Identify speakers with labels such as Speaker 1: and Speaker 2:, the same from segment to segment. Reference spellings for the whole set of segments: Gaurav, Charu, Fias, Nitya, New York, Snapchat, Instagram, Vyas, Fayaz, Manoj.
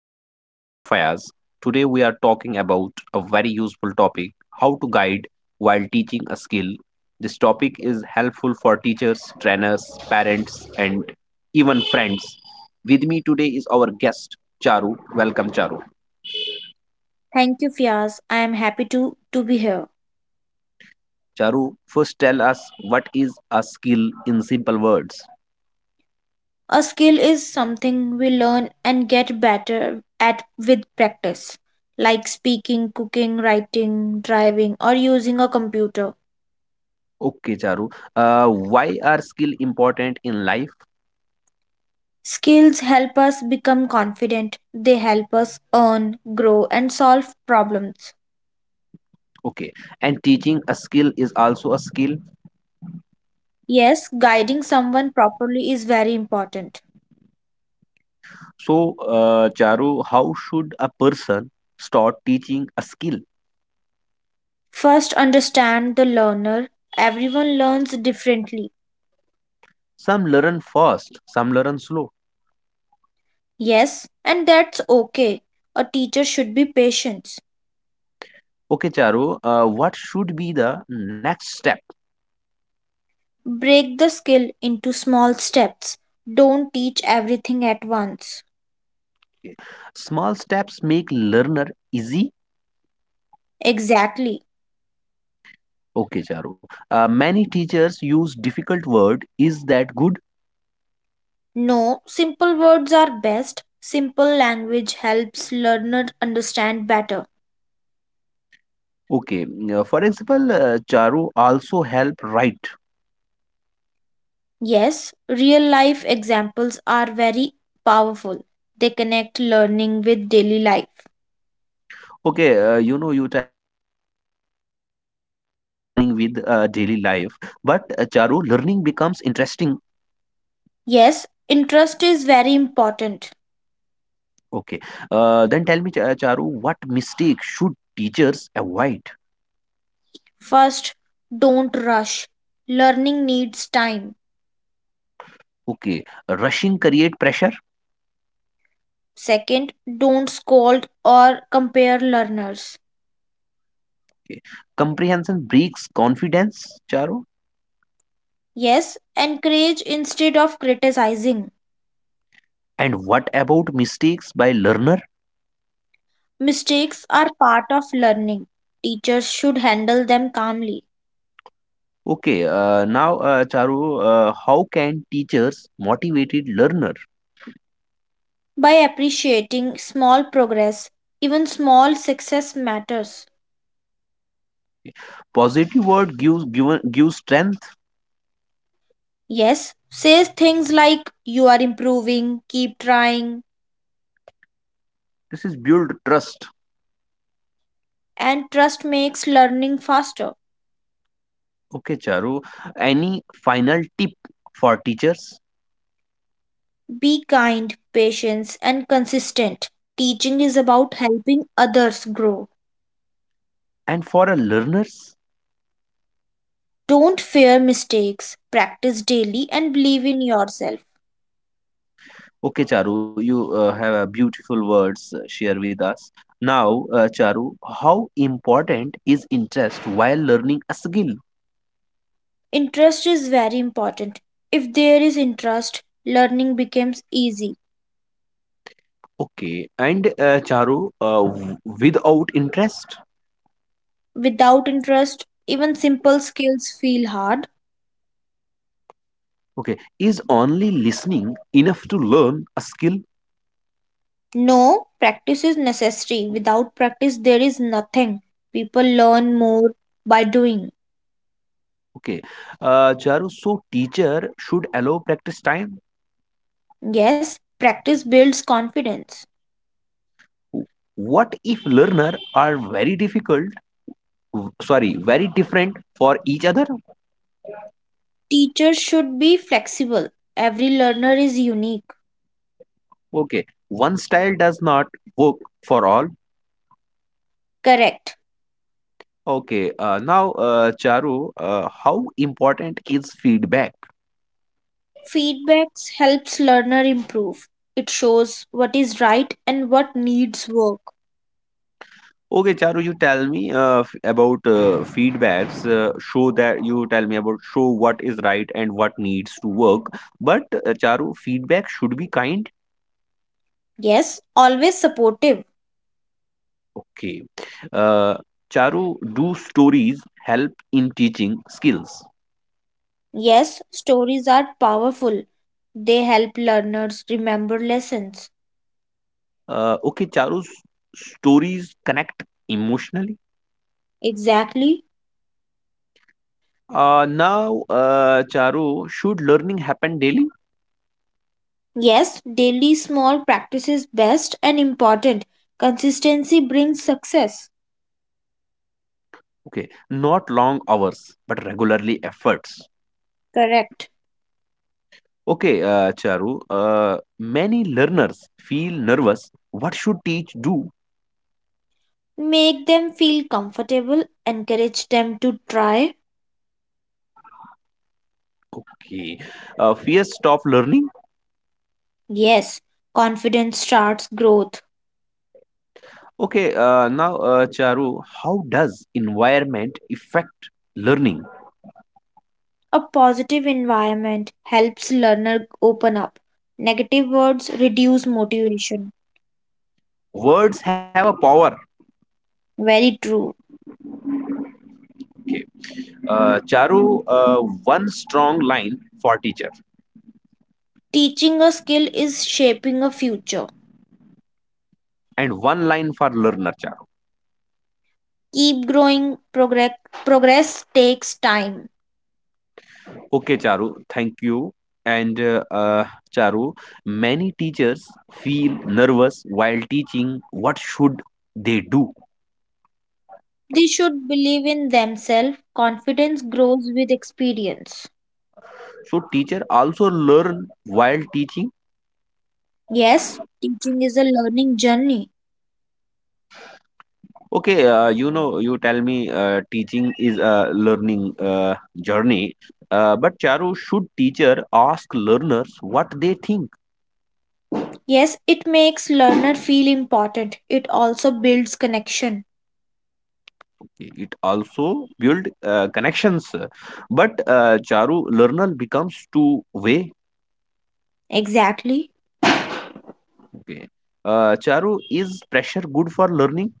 Speaker 1: I am your host, Fayaz. Today, we are talking about a very useful topic how to guide while teaching a skill. This topic is helpful for teachers, trainers, parents, and even friends. With me today is our guest, Charu. Welcome, Charu.
Speaker 2: Thank you, Fias. I am happy to be here.
Speaker 1: Charu, first tell us what is a skill in simple words.
Speaker 2: A skill is something we learn and get better at with practice, like speaking, cooking, writing, driving, or using a computer.
Speaker 1: Okay, Charu. Why are skill important in life?
Speaker 2: Skills help us become confident, they help us earn, grow, and solve problems.
Speaker 1: Okay, and teaching a skill is also a skill.
Speaker 2: Yes, guiding someone properly is very important.
Speaker 1: So, Charu, how should a person start teaching a skill?
Speaker 2: First, understand the learner. Everyone learns differently.
Speaker 1: Some learn fast, some learn slow.
Speaker 2: Yes, and that's okay. A teacher should be patient.
Speaker 1: Okay, Charu, what should be the next step?
Speaker 2: Break the skill into small steps. Don't teach everything at once.
Speaker 1: Okay. Small steps make learner easy.
Speaker 2: Exactly.
Speaker 1: Okay, Charu. Many teachers use difficult word. Is that good?
Speaker 2: No, simple words are best. Simple language helps learner understand better.
Speaker 1: Okay. For example, Charu also help write.
Speaker 2: Yes, real life examples are very powerful. They connect learning with daily life.
Speaker 1: Okay, you tell me the they connect learning with daily life. But Charu, learning becomes interesting.
Speaker 2: Yes, interest is very important.
Speaker 1: Okay. Then tell me, Charu, what mistake should teachers avoid?
Speaker 2: First, don't rush. Learning needs time.
Speaker 1: Okay. Rushing create pressure.
Speaker 2: Second, don't scold or compare learners.
Speaker 1: Okay. Comprehension breaks confidence, Charu.
Speaker 2: Yes, encourage instead of criticizing.
Speaker 1: And what about mistakes by learner?
Speaker 2: Mistakes are part of learning. Teachers should handle them calmly.
Speaker 1: Okay. Now, Charu, how can teachers motivated learner?
Speaker 2: By appreciating small progress, even small success matters.
Speaker 1: Positive word gives given gives strength.
Speaker 2: Yes, say things like you are improving, keep trying,
Speaker 1: This is build trust.
Speaker 2: and trust makes learning faster.
Speaker 1: Okay, Charu. Any final tip for teachers
Speaker 2: Be kind, patient, and consistent. Teaching is about helping others grow.
Speaker 1: and for a learners?
Speaker 2: Don't fear mistakes, practice daily, and believe in yourself.
Speaker 1: Okay, Charu, you have beautiful words share with us. Now, Charu, how important is interest while learning a skill?
Speaker 2: Interest is very important. If there is interest, learning becomes easy.
Speaker 1: Okay, and Charu, without interest,
Speaker 2: Without interest, even simple skills feel hard.
Speaker 1: okay, is only listening enough to learn a skill?
Speaker 2: No, practice is necessary. Without practice, there is nothing. People learn more by doing.
Speaker 1: Okay, Charu, so teacher should allow practice time.
Speaker 2: Yes, practice builds confidence.
Speaker 1: W- What if learner are very difficult, sorry, very different for each other?
Speaker 2: Teachers should be flexible. Every learner is unique.
Speaker 1: Okay, one style does not work for all.
Speaker 2: Correct.
Speaker 1: Okay, now, Charu, how important is feedback?
Speaker 2: Feedbacks helps learner improve. It shows what is right and what needs work.
Speaker 1: Okay, Charu, you tell me about feedbacks. Show that you tell me about show what is right and what needs to work. But Charu, feedback should be kind.
Speaker 2: Yes, always supportive.
Speaker 1: Okay, uh, Charu, do stories help in teaching skills?
Speaker 2: Yes, stories are powerful. They help learners remember lessons.
Speaker 1: Okay, Charu's stories connect emotionally.
Speaker 2: Exactly.
Speaker 1: Now, Charu, should learning happen daily?
Speaker 2: Yes, daily small practices best and important. Consistency brings success.
Speaker 1: Okay, not long hours, but regularly efforts.
Speaker 2: Correct.
Speaker 1: Okay, Charu, many learners feel nervous. What should teach do?
Speaker 2: Make them feel comfortable, encourage them to try.
Speaker 1: Okay, fear stop learning.
Speaker 2: Yes, confidence starts growth.
Speaker 1: Okay, now, Charu, how does environment affect learning?
Speaker 2: A positive environment helps learner open up. Negative words reduce motivation.
Speaker 1: Words have a power.
Speaker 2: Very true.
Speaker 1: Okay, Charu, one strong line for teacher
Speaker 2: Teaching a skill is shaping a future.
Speaker 1: and one line for learner.
Speaker 2: Keep growing. Progress, progress takes time.
Speaker 1: Okay, Charu, thank you. And Charu, many teachers feel nervous while teaching. What should they do?
Speaker 2: They should believe in themselves. Confidence grows with experience.
Speaker 1: So teacher also learn while teaching.
Speaker 2: Yes, teaching is a learning journey.
Speaker 1: Okay, you tell me teaching is a learning journey. But Charu, should teacher ask learners what they think?
Speaker 2: Yes, it makes learner feel important. It also builds connection.
Speaker 1: It also build connections. But Charu, learner becomes two way.
Speaker 2: Exactly.
Speaker 1: Okay. Charu, is pressure good for learning?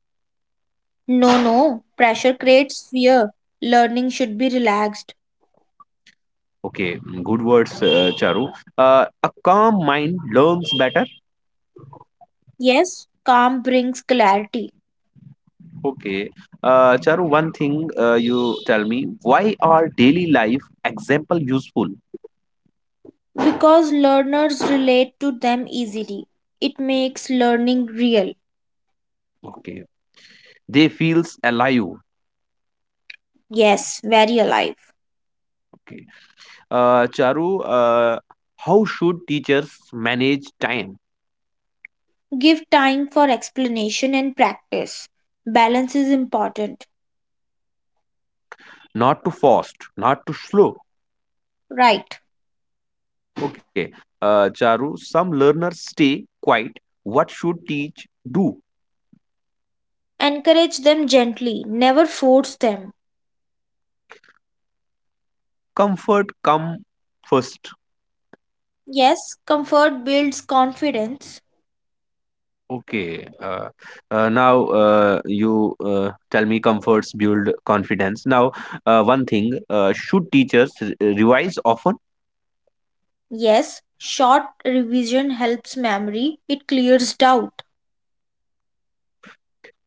Speaker 2: No, no, pressure creates fear. Learning should be relaxed.
Speaker 1: Okay, good words, Charu. A calm mind learns better.
Speaker 2: Yes, calm brings clarity
Speaker 1: Okay. Charu, one thing you tell me, why are daily life example useful?
Speaker 2: because learners relate to them easily. It makes learning real.
Speaker 1: Okay. They feels alive.
Speaker 2: Yes, very alive.
Speaker 1: Okay. Charu, uh, how should teachers manage time?
Speaker 2: Give time for explanation and practice. Balance is important.
Speaker 1: Not too fast, not too slow.
Speaker 2: Right.
Speaker 1: Okay. Charu, some learners stay quiet. What should teach do?
Speaker 2: Encourage them gently, never force them.
Speaker 1: Comfort come first.
Speaker 2: Yes, comfort builds confidence.
Speaker 1: Okay. Now, you tell me comforts build confidence. Now, one thing should teachers revise often?
Speaker 2: Yes, short revision helps memory, it clears doubt.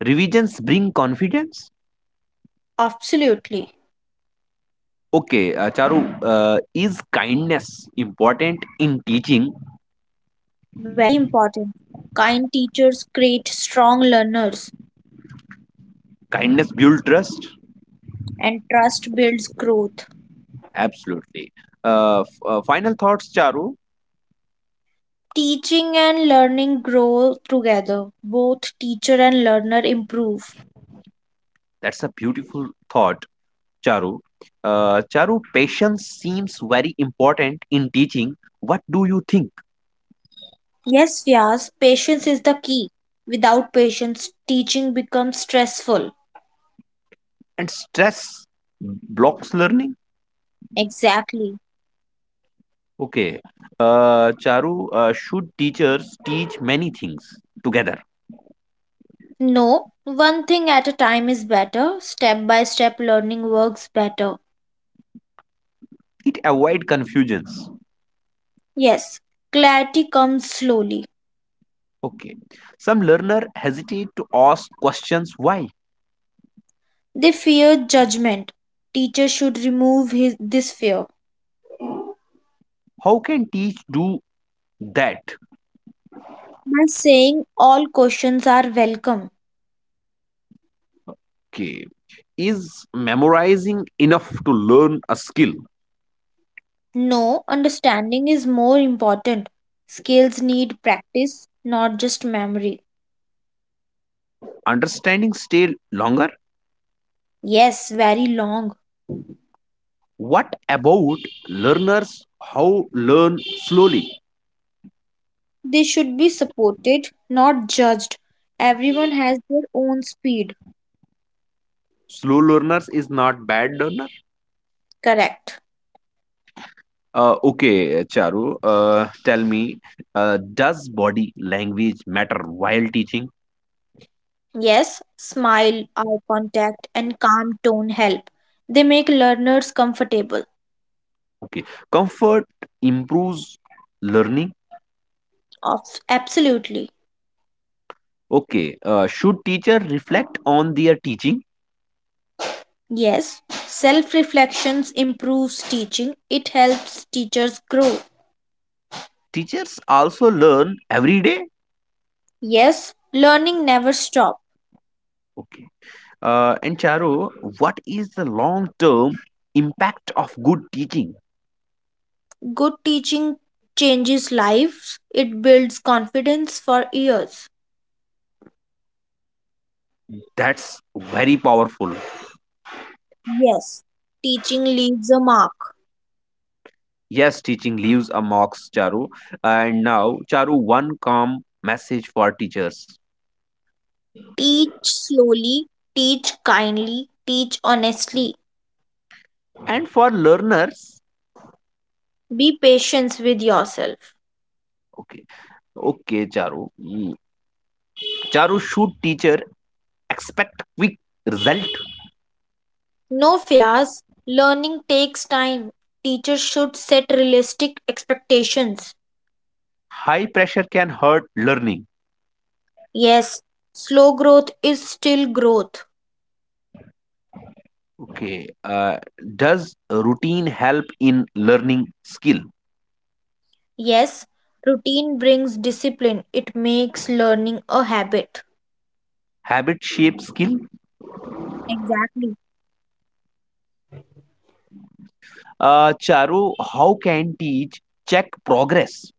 Speaker 1: Revisions bring confidence?
Speaker 2: Absolutely,
Speaker 1: Okay, Charu, is kindness important in teaching?
Speaker 2: very important. Kind teachers create strong learners,
Speaker 1: Kindness build trust?
Speaker 2: and trust builds growth.
Speaker 1: Absolutely. Final thoughts, Charu.
Speaker 2: Teaching and learning grow together. Both teacher and learner improve.
Speaker 1: That's a beautiful thought. Charu. Charu, patience seems very important in teaching. What do you think?
Speaker 2: Yes, Vyas, patience is the key. Without patience, teaching becomes stressful.
Speaker 1: And stress blocks learning?
Speaker 2: Exactly.
Speaker 1: Okay. Charu, should teachers teach many things together?
Speaker 2: No, one thing at a time is better. Step by step learning works better.
Speaker 1: It avoid confusions.
Speaker 2: Yes, clarity comes slowly.
Speaker 1: Okay. Some learner hesitate to ask questions. Why?
Speaker 2: They fear judgment. Teacher should remove this fear
Speaker 1: How can teach do that?
Speaker 2: by saying all questions are welcome.
Speaker 1: Okay. Is memorizing enough to learn a skill?
Speaker 2: No, understanding is more important. Skills need practice, not just memory.
Speaker 1: Understanding stay longer?
Speaker 2: Yes, very long.
Speaker 1: What about learners? How learn slowly?
Speaker 2: They should be supported, not judged. Everyone has their own speed.
Speaker 1: Slow learners is not bad learner.
Speaker 2: Correct.
Speaker 1: Okay, Charu, tell me, does body language matter while teaching?
Speaker 2: Yes, smile, eye contact, and calm tone help. They make learners comfortable.
Speaker 1: Okay, comfort improves learning.
Speaker 2: Absolutely.
Speaker 1: Okay, should teacher reflect on their teaching?
Speaker 2: Yes, self reflections improves teaching. It helps teachers grow.
Speaker 1: Teachers also learn every day.
Speaker 2: Yes, learning never stop.
Speaker 1: Okay, and Charu, what is the long term impact of good teaching?
Speaker 2: Good teaching changes lives. It builds confidence for years.
Speaker 1: That's very powerful.
Speaker 2: Yes, teaching leaves a mark.
Speaker 1: Yes, teaching leaves a marks, Charu. And now, Charu, one calm message for teachers
Speaker 2: Teach slowly, teach kindly, teach honestly.
Speaker 1: and for learners.
Speaker 2: Be patient with yourself.
Speaker 1: Okay, okay, Charu. Mm. Charu, should teacher expect quick result?
Speaker 2: No fears. Learning takes time. Teachers should set realistic expectations.
Speaker 1: High pressure can hurt learning.
Speaker 2: Yes, slow growth is still growth.
Speaker 1: Okay, does routine help in learning skill?
Speaker 2: Yes, routine brings discipline, it makes learning a habit.
Speaker 1: Habit shape skill?
Speaker 2: Exactly.
Speaker 1: Charu, how can teach check progress?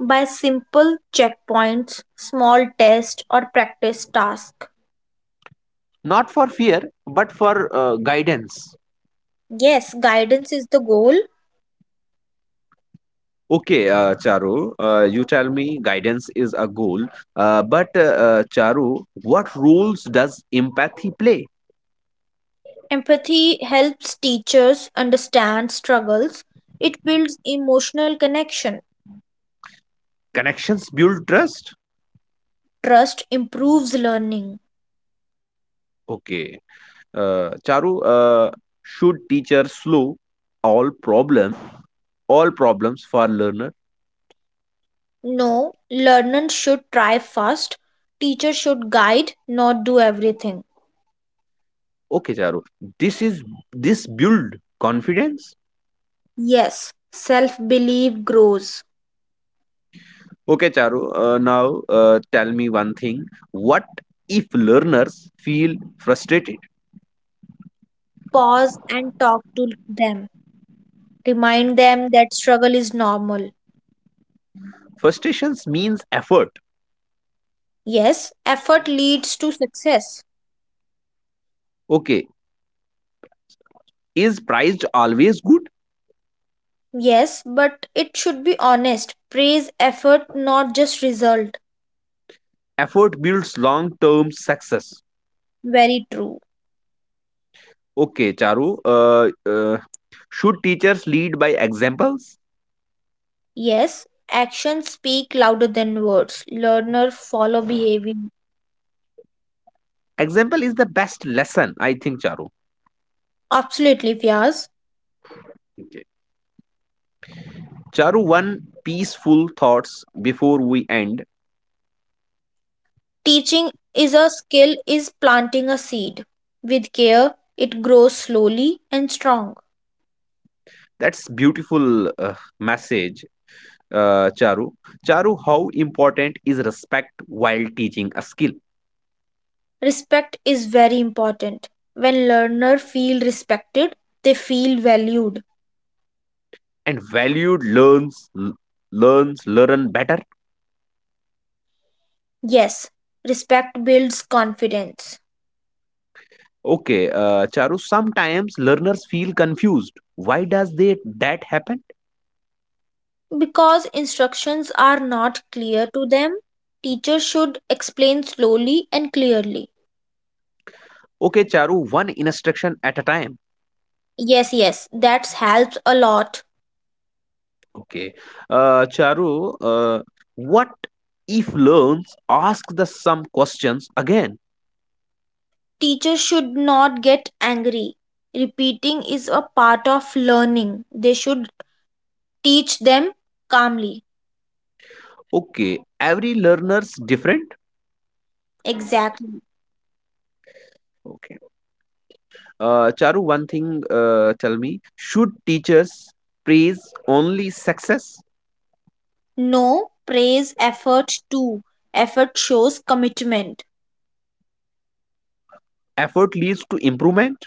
Speaker 2: By simple checkpoints, small tests, or practice tasks.
Speaker 1: Not for fear, but for guidance.
Speaker 2: Yes, guidance is the goal.
Speaker 1: Okay, Charu, you tell me guidance is a goal, but Charu, what roles does empathy play?
Speaker 2: Empathy helps teachers understand struggles. It builds emotional connection.
Speaker 1: Connections build trust?
Speaker 2: Trust improves learning.
Speaker 1: Okay, Charu, should teacher slow all problem, all problems for learner?
Speaker 2: No, learners should try first. Teachers should guide, not do everything.
Speaker 1: Okay, Charu, this is this build confidence.
Speaker 2: Yes, self belief grows.
Speaker 1: Okay, Charu, now, tell me one thing. What if learners feel frustrated?
Speaker 2: Pause and talk to them. Remind them that struggle is normal.
Speaker 1: Frustrations means effort.
Speaker 2: Yes, effort leads to success.
Speaker 1: Okay. Is priced always good?
Speaker 2: Yes, but it should be honest. Praise effort, not just result.
Speaker 1: Effort builds long term success.
Speaker 2: Very true.
Speaker 1: Okay, Charu. Should teachers lead by examples?
Speaker 2: Yes, actions speak louder than words. Learner follow behavior.
Speaker 1: Example is the best lesson, I think, Charu.
Speaker 2: Absolutely, Fias.
Speaker 1: Okay. Charu, one peaceful thoughts before we end.
Speaker 2: Teaching is a skill, is planting a seed. With care, it grows slowly and strong.
Speaker 1: That's beautiful message, Charu. Charu, how important is respect while teaching a skill?
Speaker 2: Respect is very important. When learners feel respected, they feel valued.
Speaker 1: And valued learns, learn better.
Speaker 2: Yes, respect builds confidence.
Speaker 1: Okay, Charu, sometimes learners feel confused. Why does they that happen?
Speaker 2: Because instructions are not clear to them, teacher should explain slowly and clearly.
Speaker 1: Okay, Charu, one instruction at a time.
Speaker 2: Yes, yes, that helps a lot.
Speaker 1: Okay, Charu, what if learns ask the some questions again?
Speaker 2: Teachers should not get angry. Repeating is a part of learning. They should teach them calmly.
Speaker 1: Okay, every learner's different.
Speaker 2: Exactly.
Speaker 1: Okay, Charu, one thing tell me: should teachers praise only success?
Speaker 2: No, praise effort too. Effort shows commitment.
Speaker 1: Effort leads to improvement.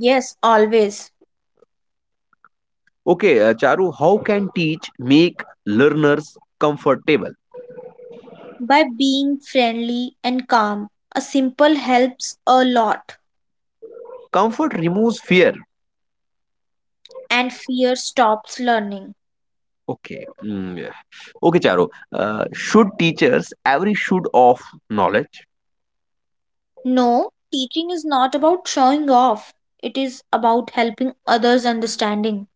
Speaker 2: Yes, always.
Speaker 1: Okay, Charu, how can teach make learners comfortable?
Speaker 2: By being friendly and calm, a simple helps a lot,
Speaker 1: Comfort removes fear.
Speaker 2: and fear stops learning.
Speaker 1: Okay. Yeah. Okay, Charo. Should teachers every should of knowledge?
Speaker 2: No, teaching is not about showing off, it is about helping others understanding.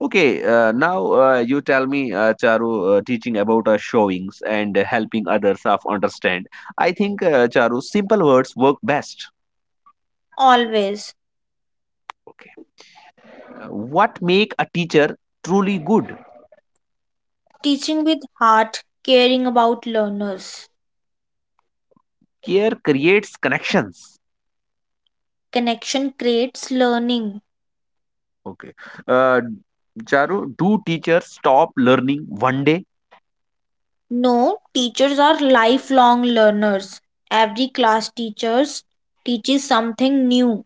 Speaker 1: Okay, now you tell me, Charu, teaching about showings and helping others of understand. I think, Charu, simple words work best.
Speaker 2: Always.
Speaker 1: Okay. What make a teacher truly good?
Speaker 2: Teaching with heart, caring about learners.
Speaker 1: Care creates connections.
Speaker 2: Connection creates learning.
Speaker 1: Okay. Uh, Charu, do teachers stop learning one day?
Speaker 2: No, teachers are lifelong learners. Every class teachers teaches something new.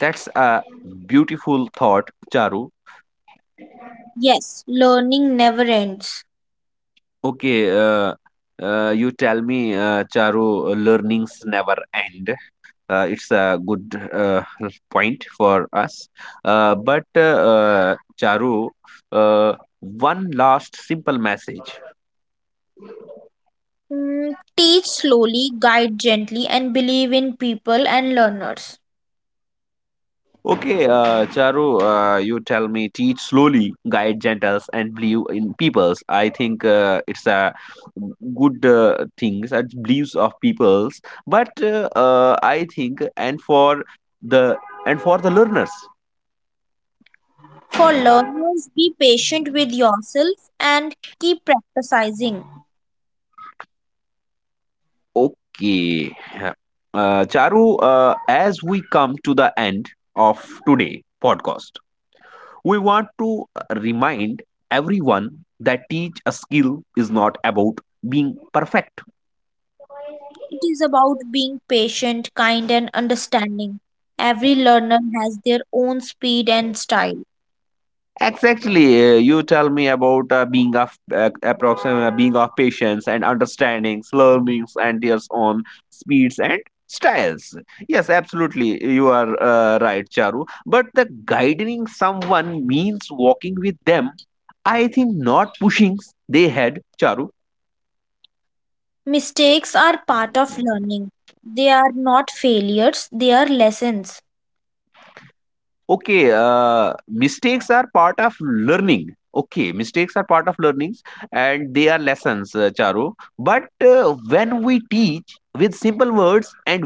Speaker 1: That's a beautiful thought, Charu.
Speaker 2: Yes, learning never ends.
Speaker 1: Okay, you tell me, Charu, learnings never end. It's a good point for us. But Charu, one last simple message.
Speaker 2: Teach slowly, guide gently, and believe in people and learners.
Speaker 1: Okay, Charu, you tell me, teach slowly, guide gentles, and believe in peoples. I think it's a good things and beliefs of peoples. But I think, the and for the learners.
Speaker 2: For learners, be patient with yourself and keep practicing.
Speaker 1: Okay, yeah. Charu, as we come to the end of today podcast, we want to remind everyone that teach a skill is not about being perfect.
Speaker 2: It is about being patient, kind, and understanding. Every learner has their own speed and style.
Speaker 1: Exactly. You tell me about being of approximate being of patience and understandings, learnings, and their own speeds and styles. Yes, absolutely. You are right, Charu. But the guiding someone means walking with them. I think not pushing they had Charu.
Speaker 2: Mistakes are part of learning. They are not failures, they are lessons.
Speaker 1: Okay, mistakes are part of learning. Okay, mistakes are part of learnings and they are lessons, Charu. But when we teach with simple words and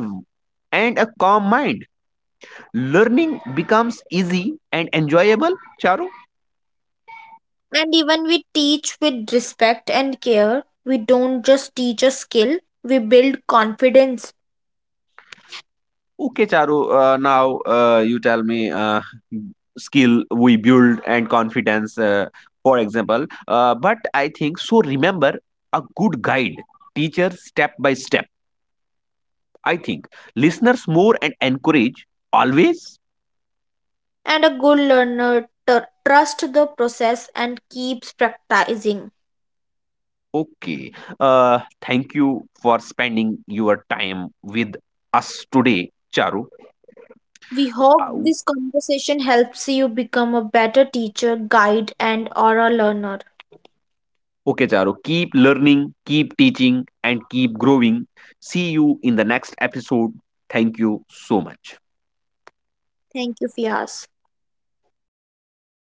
Speaker 1: a calm mind, learning becomes easy and enjoyable, Charu.
Speaker 2: And even we teach with respect and care, we don't just teach a skill, we build confidence.
Speaker 1: Okay, Charu. Now, you tell me skill we build and confidence, for example. But I think so. Remember a good guide, teacher step by step I think listeners more and encourage always.
Speaker 2: And a good learner trusts the process and keeps practicing.
Speaker 1: Okay. Thank you for spending your time with us today, Charu.
Speaker 2: We hope
Speaker 1: Ow.
Speaker 2: this conversation helps you become a better teacher, guide, and or a learner.
Speaker 1: Okay, Charu. Keep learning, keep teaching, and keep growing. See you in the next episode. Thank you so much.
Speaker 2: Thank you, Fias.